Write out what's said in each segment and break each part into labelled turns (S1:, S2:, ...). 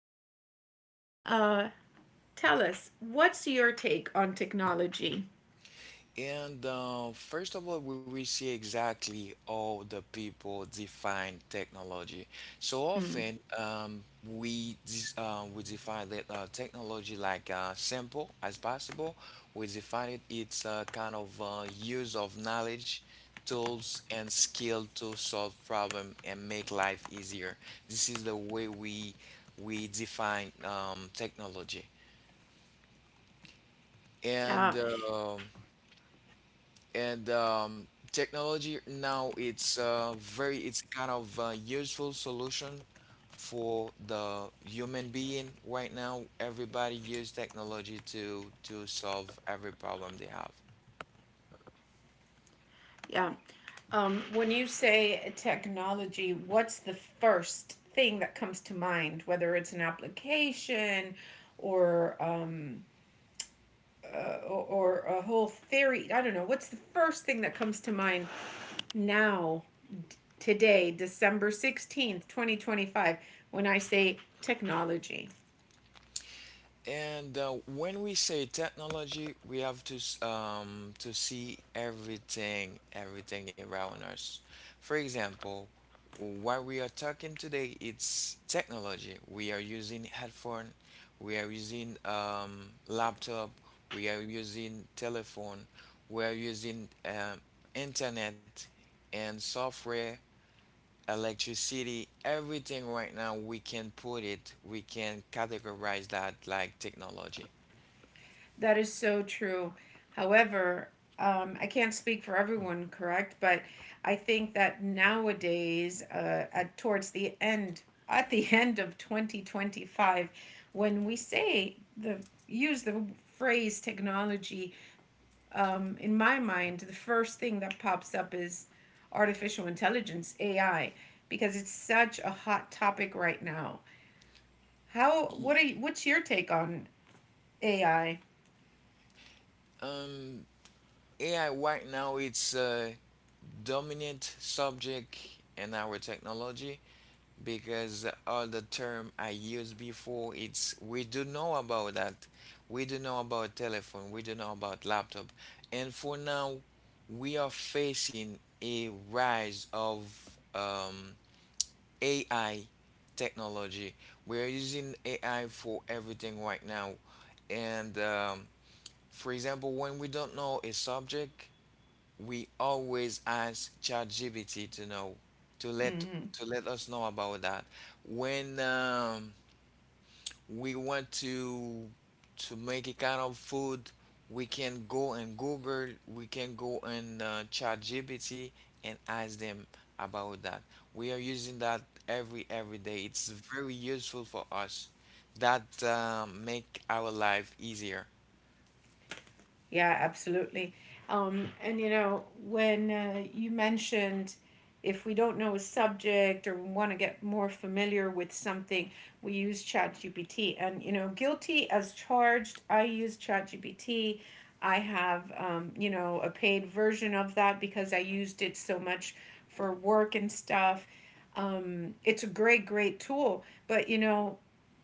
S1: however. Uh, tell us, what's your take on technology?
S2: And First of all, we will see exactly how the people define technology. So often, we define that technology like simple as possible. We define it, it's a kind of use of knowledge, tools, and skill to solve problem and make life easier. This is the way we define technology.
S1: Yeah.
S2: And um and Technology now it's very it's kind of a useful solution for the human being right now, everybody use technology to solve every problem they have.
S1: Yeah. When you say technology, what's the first thing that comes to mind? Whether it's an application or or a whole theory, I don't know. What's the first thing that comes to mind now, today, December 16th, 2025, when I say technology?
S2: And When we say technology, we have to to see everything, everything around us. For example, what we are talking today, it's technology. We are using headphone, we are using laptop, we are using telephone, we are using internet and software, electricity, everything right now. We can categorize that like technology.
S1: That is so true. However, I can't speak for everyone, correct? But I think that nowadays, at towards the end, at the end of 2025, when we say the use the phrase technology, in my mind, the first thing that pops up is artificial intelligence, AI, because it's such a hot topic right now. How?
S2: Y-
S1: What are? You, what's your take on AI?
S2: Um, AI right now it's a dominant subject in our technology because all the term I used before it's we do know about that. We do know about telephone, we do know about laptop. And for now we are facing a rise of um, AI technology. We're using AI for everything right now and for example, when we don't know a subject, we always ask ChatGPT to let
S1: Mm-hmm.
S2: to let us know about that. When we want to make a kind of food, we can go and Google, we can go and ChatGPT and ask them about that. We are using that every day. It's very useful for us. That make our life easier.
S1: Yeah, absolutely. And when you mentioned, if we don't know a subject or want to get more familiar with something, we use ChatGPT. And guilty as charged, I use ChatGPT. I have, a paid version of that because I used it so much for work and stuff. It's a great, great tool. But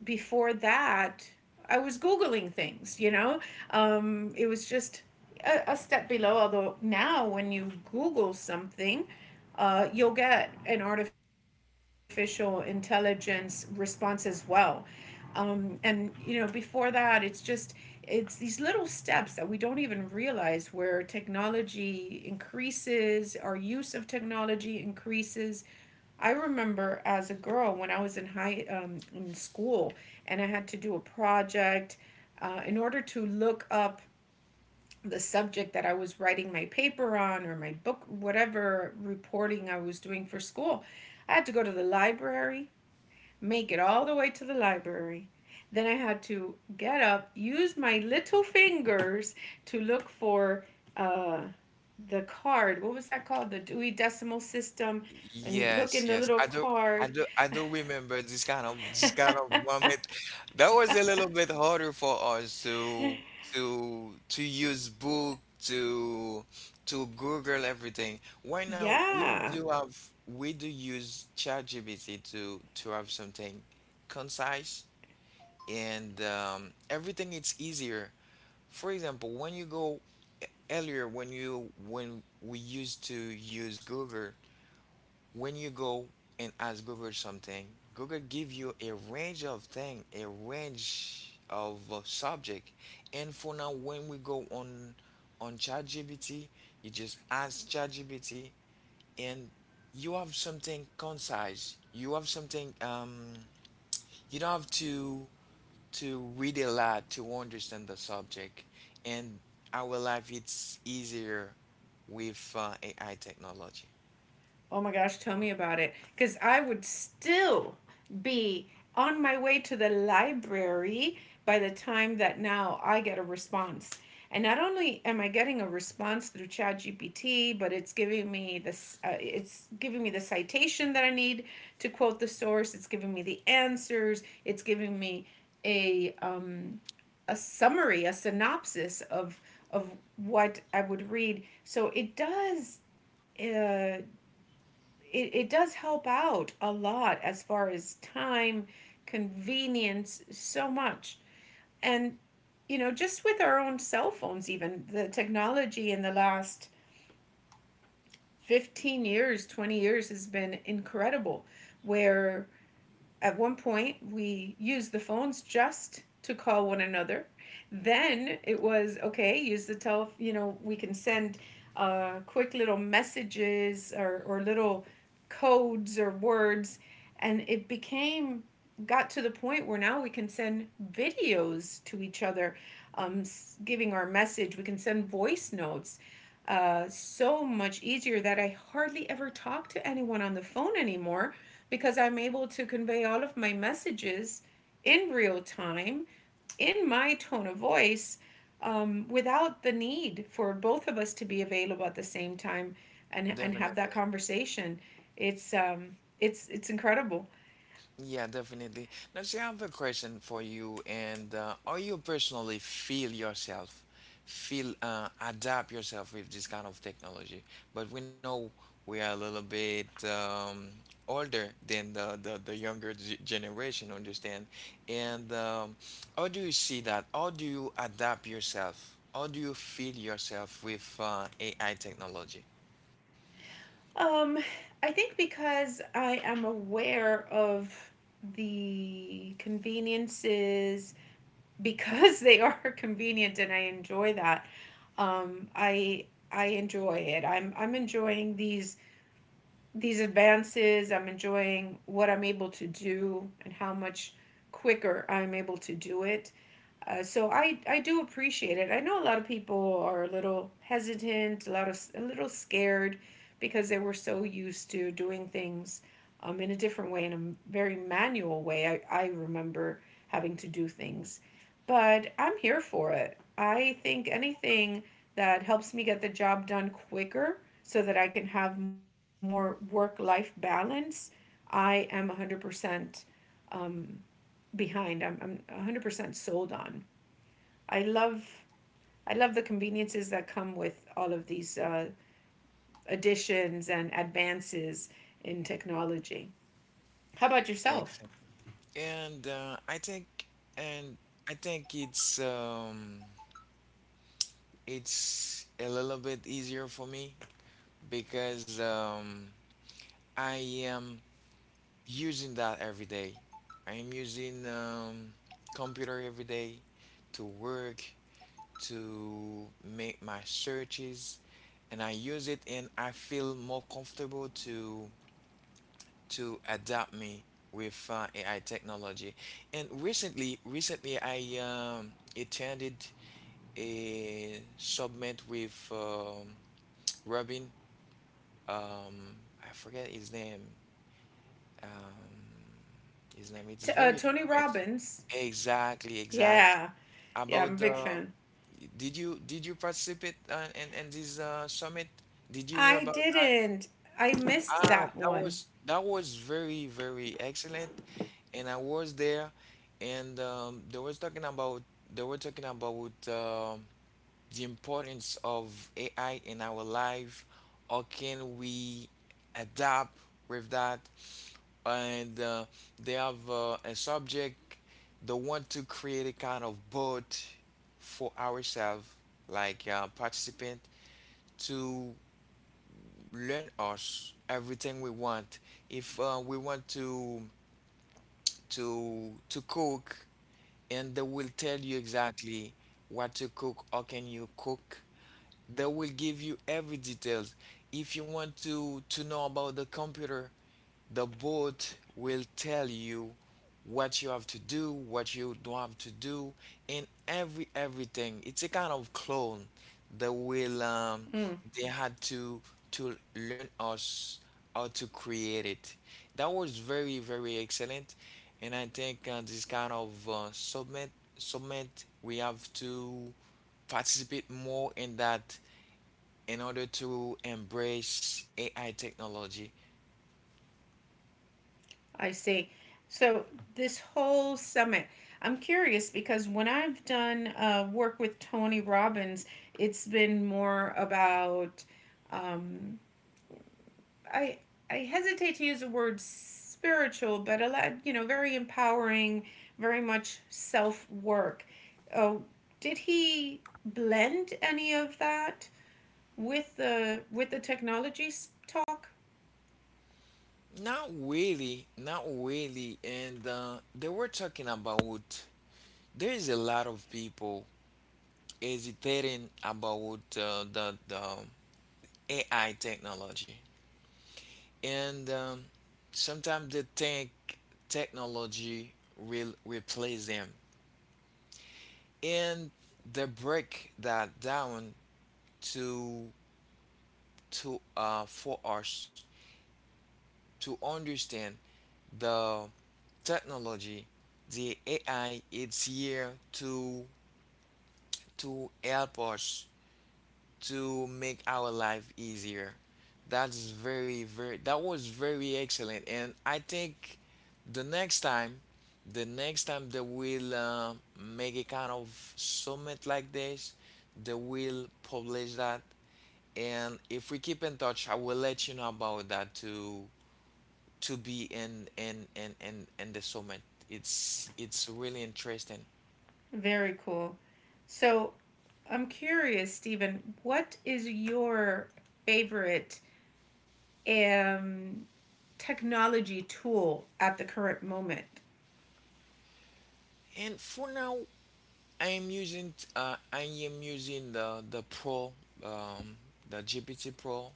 S1: before that, I was Googling things, you know? It was just a step below, although now when you Google something, you'll get an artificial intelligence response as well. And, before that, it's these little steps that we don't even realize where technology increases, our use of technology increases. I remember as a girl when I was in school and I had to do a project in order to look up the subject that I was writing my paper on or my book, whatever reporting I was doing for school. I had to go to the library, make it all the way to the library. Then I had to get up, use my little fingers to look for uh, the card. What was that called? The Dewey Decimal System. And look
S2: Yes,
S1: in the
S2: yes.
S1: little card.
S2: I do remember this kind of moment. That was a little bit harder for us to use book to Google everything. Right now
S1: Yeah.
S2: we do use ChatGPT to have something concise, and everything it's easier. For example, when you go earlier when you when we used to use Google, when you go and ask Google something, Google give you a range of thing, a range of subject. And for now, when we go on ChatGPT, you just ask ChatGPT, and you have something concise. You have something. You don't have to read a lot to understand the subject. And our life it's easier with AI technology.
S1: Oh my gosh, tell me about it. Because I would still be on my way to the library by the time that now I get a response. And not only am I getting a response through ChatGPT, but it's giving me this. It's giving me the citation that I need to quote the source. It's giving me the answers. It's giving me a um, a summary, a synopsis of what I would read. So it does uh, it does help out a lot as far as time, convenience, so much. And just with our own cell phones, even the technology in the last 15 years, 20 years has been incredible, where at one point we used the phones just to call one another. Then it was okay, use the tele, we can send quick little messages or little codes or words. And got to the point where now we can send videos to each other, um, giving our message. We can send voice notes. So much easier that I hardly ever talk to anyone on the phone anymore because I'm able to convey all of my messages in real time, in my tone of voice, without the need for both of us to be available at the same time and have
S2: Definitely.
S1: that conversation. It's incredible.
S2: Yeah, definitely. Now, see, I have a question for you. And Are you personally feel yourself, feel adapt yourself with this kind of technology? But we know we are a little bit older than the younger g generation, understand? And how do you see that? How do you adapt yourself? How do you feel yourself with AI technology?
S1: Um, I think because I am aware of the conveniences, because they are convenient and I enjoy that, um, I, I enjoy it. I'm enjoying these advances. I'm enjoying what I'm able to do and how much quicker I'm able to do it. So I do appreciate it. I know a lot of people are a little hesitant, a lot of a little scared because they were so used to doing things in a different way, in a very manual way. I remember having to do things, but I'm here for it. I think anything that helps me get the job done quicker so that I can have more work life balance, I am 100% um, behind. I'm 100% sold on. I love I love the conveniences that come with all of these additions and advances in technology. How about yourself?
S2: Excellent. And uh, I think, and I think it's a little bit easier for me because I am using that every day. I am using computer every day to work, to make my searches, and I use it and I feel more comfortable to adapt me with AI technology. And recently I attended a summit with Robin. Um, I forget his name. Um, It's very
S1: Tony
S2: famous.
S1: Robbins.
S2: Exactly, exactly.
S1: Yeah, yeah, I'm a
S2: About
S1: big
S2: the,
S1: fan.
S2: did you participate in this summit? Did you hear
S1: I
S2: about that?
S1: didn't. I missed
S2: Ah,
S1: that
S2: that
S1: one.
S2: was that was very very excellent, and I was there, and they were talking about the importance of AI in our life. How can we adapt with that? And they have a subject. They want to create a kind of boat for ourselves like participant to learn us everything we want, if we want to cook, and they will tell you exactly what to cook, how can you cook. They will give you every details. If you want to know about the computer, the boat will tell you what you have to do, what you don't have to do, and everything. It's a kind of clone. They will um,
S1: Mm,
S2: they had to learn us how to create it. That was very very excellent, and I think this kind of submit submit we have to participate more in that in order to embrace AI technology.
S1: I see. So this whole summit, I'm curious because when I've done work with Tony Robbins, it's been more about um, I I hesitate to use the word spiritual, but a lot, very empowering, very much self work. Oh, did he blend any of that with the technology talk?
S2: Not really, not really. And they were talking about there is a lot of people hesitating about the AI technology, and sometimes they think technology will replace them, and they break that down to for us to understand the technology, the AI it's here to help us to make our life easier. That's very, very, that was very excellent. And I think the next time, the next time they will make a kind of summit like this, they will publish that. And if we keep in touch, I will let you know about that to be in the summit. It's really interesting.
S1: Very cool. So, I'm curious, Stephen, what is your favorite um technology tool at the current moment?
S2: And for now, I am using the Pro, um, the GPT Pro,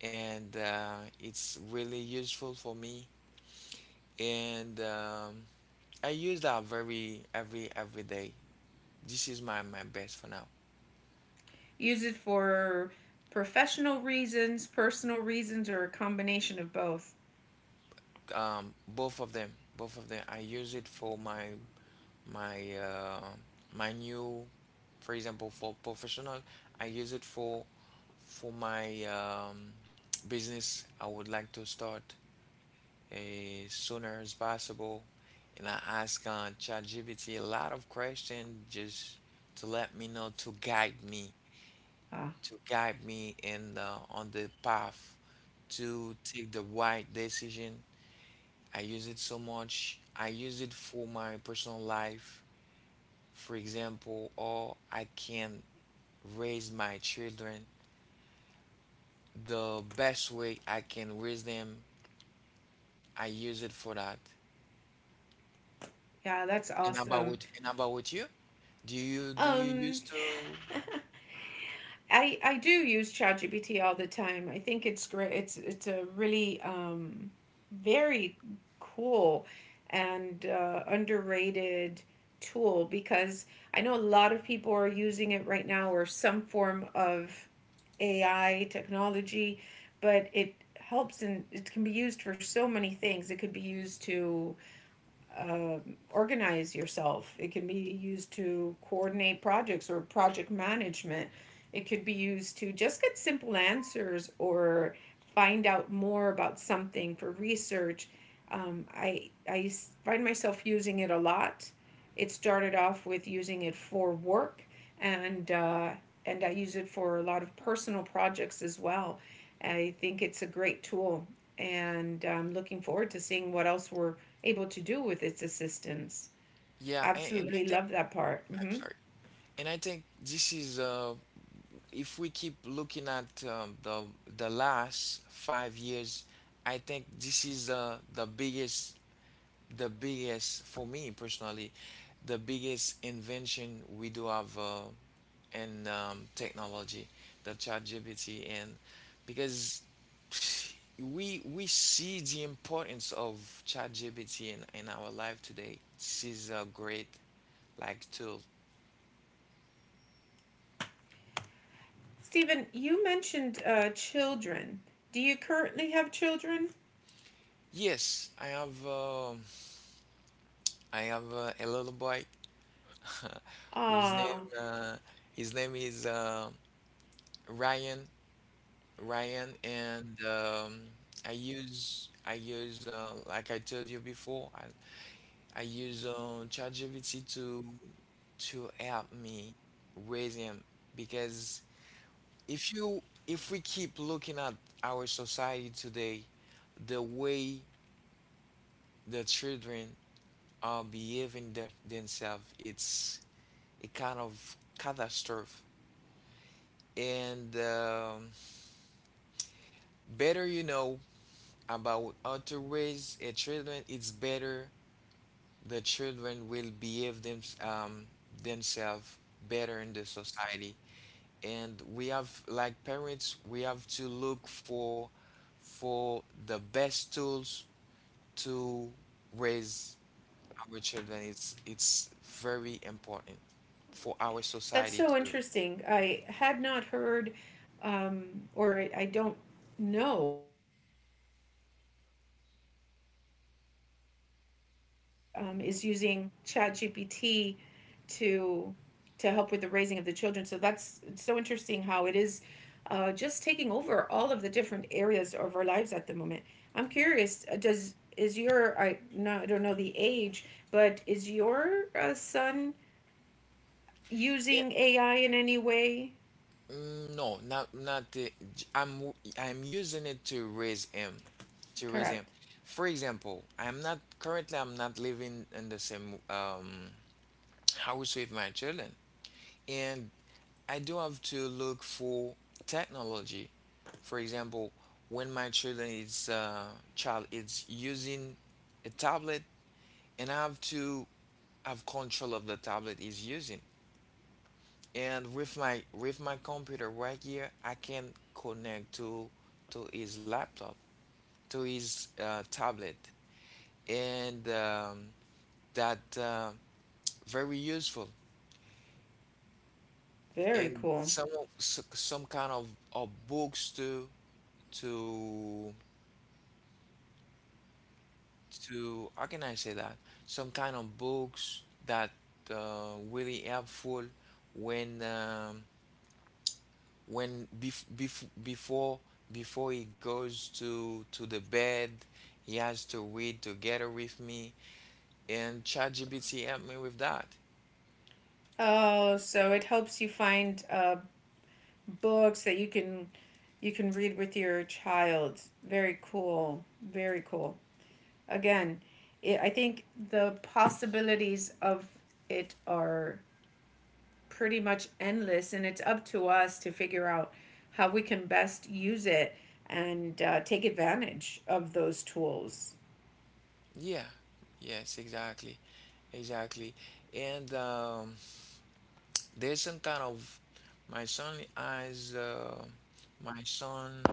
S2: and it's really useful for me, and I use that very every day. This is my my best for now.
S1: Use it for professional reasons, personal reasons, or a combination of both.
S2: Both of them, both of them. I use it for my uh, my new, for example, for professional. I use it for my business I would like to start as sooner as possible. And I ask ChatGPT a lot of questions just to let me know, to guide me,
S1: Ah,
S2: in on the path to take the right decision. I use it so much. I use it for my personal life, for example, or I can raise my children the best way I can raise them. I use it for that.
S1: yeah, that's awesome.
S2: And how about with you? Do you
S1: Um,
S2: used to?
S1: I do use ChatGPT all the time. I think it's great. It's a really very cool and underrated tool because I know a lot of people are using it right now or some form of AI technology, but it helps and it can be used for so many things. It could be used to organize yourself. It can be used to coordinate projects or project management. It could be used to just get simple answers or find out more about something for research. I find myself using it a lot. It started off with using it for work, and, and I use it for a lot of personal projects as well. I think it's a great tool, and I'm looking forward to seeing what else we're able to do with its assistance.
S2: Yeah, and I
S1: Absolutely
S2: think
S1: love that part.
S2: I'm
S1: Hmm.
S2: sorry. And I think this is if we keep looking at the last 5 years, I think this is the biggest, for me personally, the biggest invention we do have in technology, the chat. And because we see the importance of chat in our life today, this is a great like tool.
S1: Stephen, you mentioned children. Do you currently have children?
S2: Yes, I have a little boy whose name
S1: Ah,
S2: his name is ryan Ryan, and I use like I told you before, I use ChatGPT to help me raise him. Because if you if we keep looking at our society today, the way the children are behaving themselves, it's a kind of catastrophe. And better you know about how to raise a children, it's better the children will behave themselves better in the society. And we have, like parents, we have to look for the best tools to raise our children. It's very important for our
S1: that's
S2: society
S1: so
S2: too.
S1: interesting. I had not heard, um, or I don't know of anyone that is using ChatGPT to to help with the raising of the children. So that's so interesting how it is just taking over all of the different areas of our lives at the moment. I'm curious, does is your I no I don't know the age, but is your son using AI in any way?
S2: Mm, no, not not the. J- I'm using it to raise him, to raise him.
S1: Correct.
S2: For example, I'm not currently. I'm not living in the same house with my children, and I do have to look for technology. For example, when my child is using a tablet, and I have to have control of the tablet is using, and with my computer right here I can connect to his laptop, to his tablet, and that very useful.
S1: Very
S2: And
S1: cool.
S2: some of some kind of books to to how can I say that some kind of books that really helpful when when bef bef before before he goes to the bed, he has to read together with me, and ChatGPT helped me with that.
S1: Oh, so it helps you find books that you can read with your child. Very cool. Very cool. Again, I think the possibilities of it are pretty much endless, and it's up to us to figure out how we can best use it and take advantage of those tools.
S2: Yeah, yes, exactly, exactly. And there's some kind of, my son has my son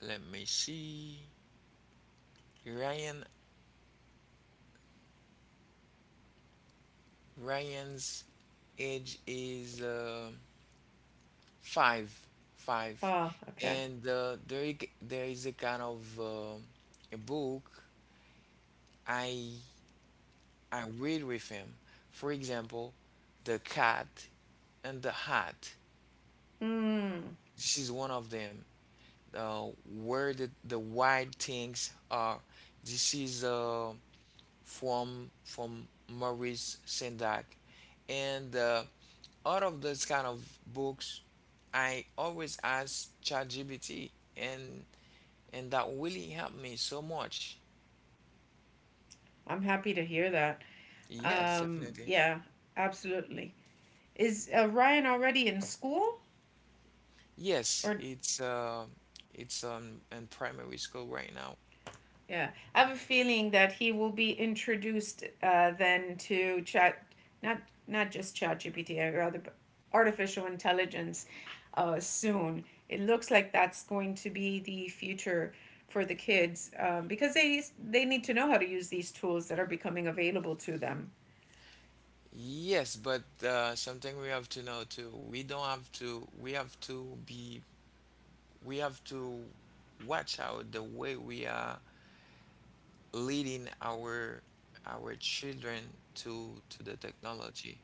S2: let me see, Ryan Ryan's age is five, five,
S1: Oh, okay.
S2: and there is a kind of a book I read with him. For example, The Cat and the Hat.
S1: Mm,
S2: This is one of them. Where the wild things are. This is from Maurice Sendak, and out of those kind of books, I always ask ChatGPT, and that really helped me so much.
S1: I'm happy to hear that.
S2: Yes, definitely.
S1: Yeah, absolutely. Is Ryan already in school,
S2: Yes,
S1: or?
S2: it's uh, it's in primary school right now.
S1: Yeah, I have a feeling that he will be introduced then to chat, not not just ChatGPT, GPT, rather, but artificial intelligence soon. It looks like that's going to be the future for the kids because they need to know how to use these tools that are becoming available to them.
S2: Yes, but something we have to know too. We don't have to. We have to be. We have to watch out the way we are leading our children to the technology,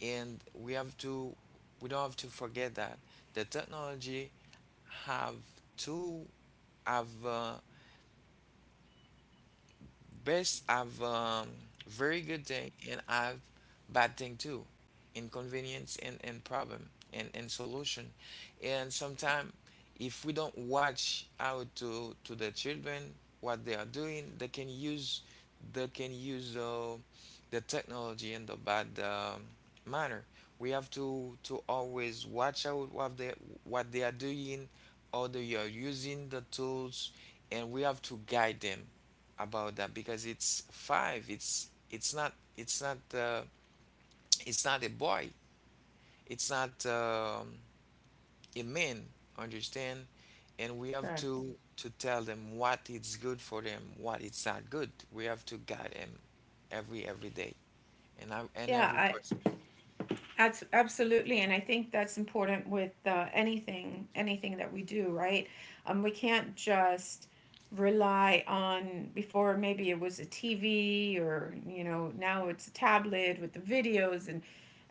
S2: and we have to. We don't have to forget that the technology have to have uh, have very good thing and have bad thing too, inconvenience and problem, and solution. And sometimes if we don't watch out to the children what they are doing, they can use the technology in the bad manner. We have to always watch out what they are doing or they are using the tools, and we have to guide them about that. Because it's five. It's not it's not a boy. It's not a man. Understand? And we have
S1: Correct.
S2: to tell them what it's good for them, what it's not good. We have to guide them every day, and
S1: Yeah.
S2: every person.
S1: That's absolutely, and I think that's important with anything, anything that we do, right? We can't just rely on, before maybe it was a TV or, you know, now it's a tablet with the videos, and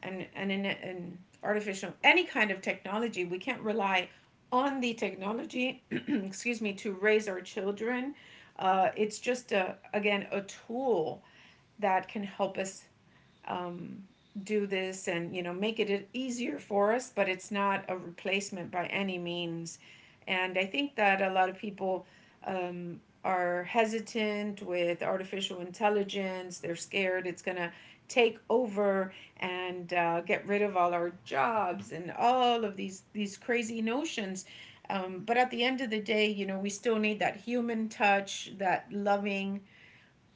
S1: and and in and artificial, any kind of technology. We can't rely on the technology, excuse me, to raise our children. It's just a again a tool that can help us um, do this, and make it easier for us, but it's not a replacement by any means. And I think that a lot of people are hesitant with artificial intelligence. They're scared it's going to take over and get rid of all our jobs and all of these crazy notions, but at the end of the day, we still need that human touch, that loving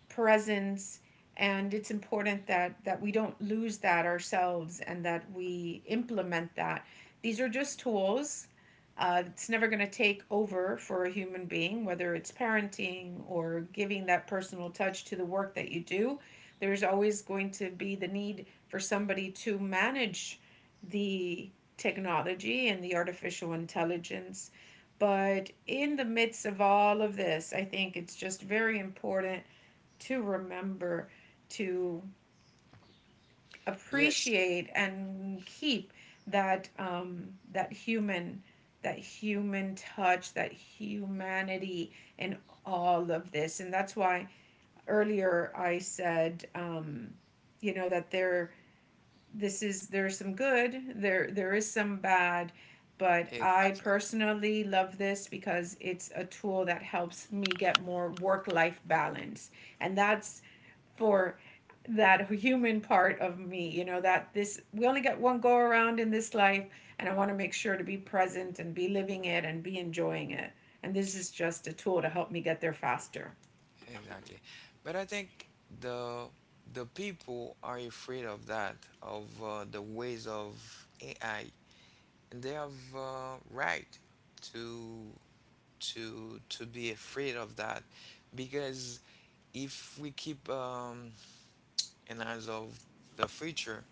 S1: presence. And it's important that we don't lose that ourselves and that we implement that these are just tools. It's never going to take over for a human being, whether it's parenting or giving that personal touch to the work that you do. There's always going to be the need for somebody to manage the technology and the artificial intelligence. But in the midst of all of this, I think it's just very important to remember to
S2: Yes,
S1: appreciate and keep that um, that human that human touch, that humanity in all of this. And that's why earlier I said, that there this is there's some good, there is some bad, but I
S2: exactly,
S1: personally love this because it's a tool that helps me get more work-life balance. And that's for that human part of me, that this we only get one go around in this life, and I want to make sure to be present and be living it and be enjoying it. And this is just a tool to help me get there faster.
S2: exactly. But I think the the people are afraid of that, of the ways of AI. And they have right to to be afraid of that, because if we keep an eyes of the future,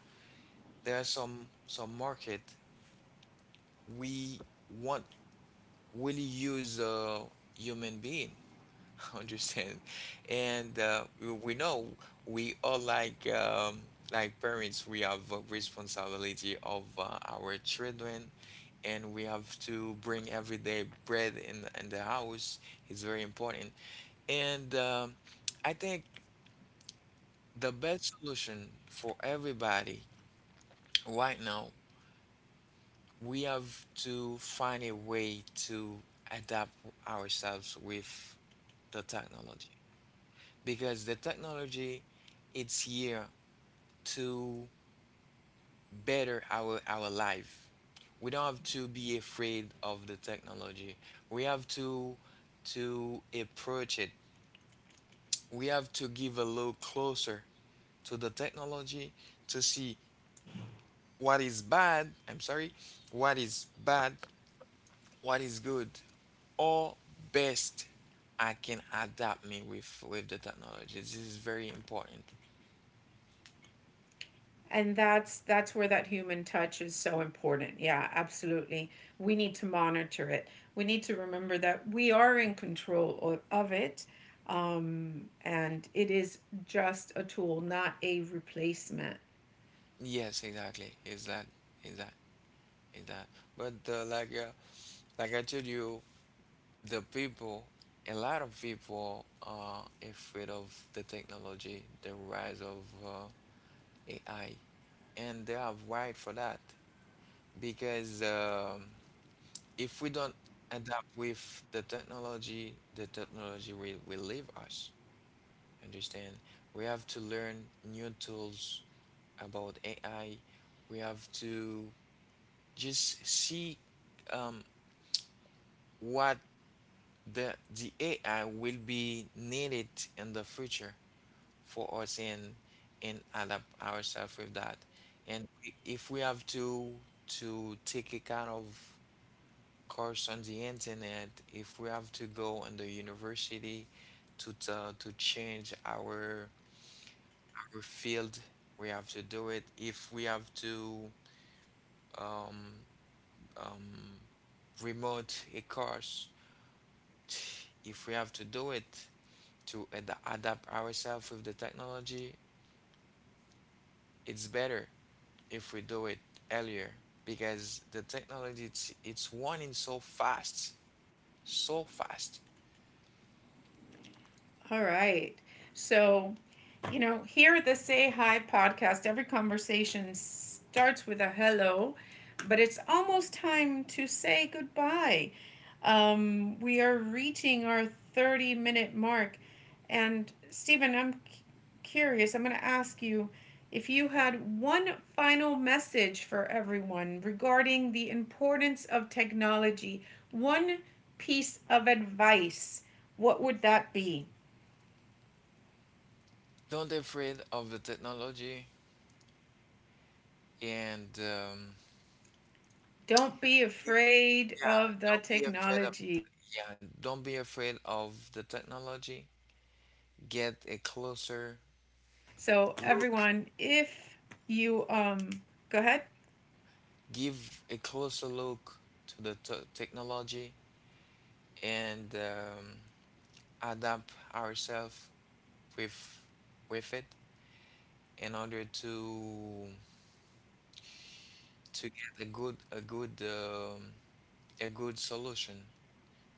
S2: there are some market we want really use human being. Understand? And we know, we all like parents we have a responsibility of our children, and we have to bring everyday bread in in the house. It's very important. And I think the best solution for everybody right now, we have to find a way to adapt ourselves with the technology, because the technology it's here to better our life. We don't have to be afraid of the technology. We have to approach it. We have to give a look closer to the technology to see what is bad, I'm sorry, what is bad, what is good, or best I can adapt me with the technology. This is very important.
S1: And that's where that human touch is so important. Yeah, absolutely, we need to monitor it. We need to remember that we are in control of it, and it is just a tool, not a replacement.
S2: Yes, exactly. Is that is that. But like I told you, the people, a lot of people are afraid of the technology, the rise of AI. And they are right for that, because if we don't adapt with the technology will leave us. Understand? We have to learn new tools about AI. We have to just see um, what the AI will be needed in the future for us, and adapt ourselves with that. And if we have to take a kind of course on the internet, if we have to go on the university to to change our field, we have to do it. If we have to um, um, remote a course, if we have to do it to adapt ourselves with the technology, it's better if we do it earlier, because the technology it's running so fast, so fast.
S1: All right. So, here at the Say Hi podcast, every conversation starts with a hello, but it's almost time to say goodbye. We are reaching our 30-minute mark. And, Stephen, I'm curious. I'm going to ask you, if you had one final message for everyone regarding the importance of technology, one piece of advice, what would that be?
S2: Don't afraid of the technology, and
S1: Don't be
S2: get-
S1: afraid
S2: yeah,
S1: of the
S2: don't be afraid of,
S1: technology.
S2: yeah, don't be afraid
S1: That's
S2: of the technology.
S1: that's right.
S2: Get a
S1: So
S2: closer
S1: everyone, if
S2: look,
S1: you go ahead.
S2: give a closer look to the t technology, and adapt ourselves with with it in order to get a good a good, a good solution.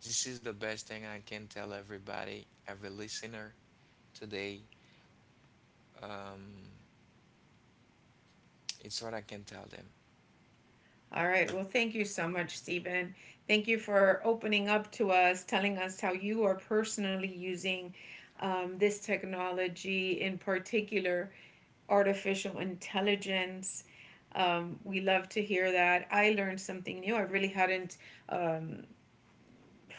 S2: This is the best thing I can tell everybody, every listener today. Um, It's what I can tell them.
S1: All right. Well, thank you so much, Stephen. Thank you for opening up to us, telling us how you are personally using this technology, in particular, artificial intelligence. We love to hear that. I learned something new. I really hadn't um,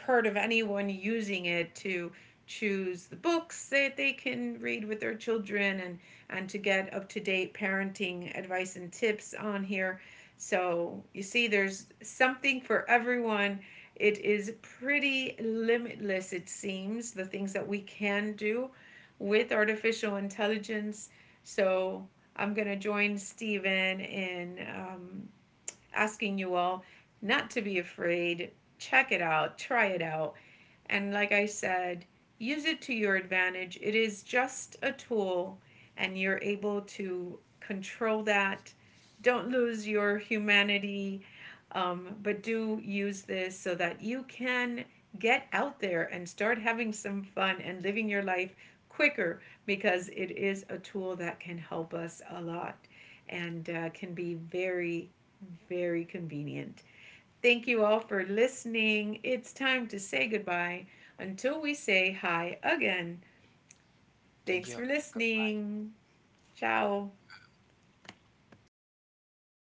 S1: heard of anyone using it to choose the books that they can read with their children and to get up to date parenting advice and tips on here. So you see there's something for everyone. It is pretty limitless, it seems, the things that we can do with artificial intelligence. So I'm going to join Stephen in asking you all not to be afraid. Check it out, try it out. And like I said, use it to your advantage. It is just a tool, and you're able to control that. Don't lose your humanity, but do use this so that you can get out there and start having some fun and living your life quicker because it is a tool that can help us a lot and can be very, very convenient. Thank you all for listening. It's time to say goodbye until we say hi again.
S2: Thank
S1: Thanks
S2: you.
S1: for
S2: Good.
S1: listening. Ciao.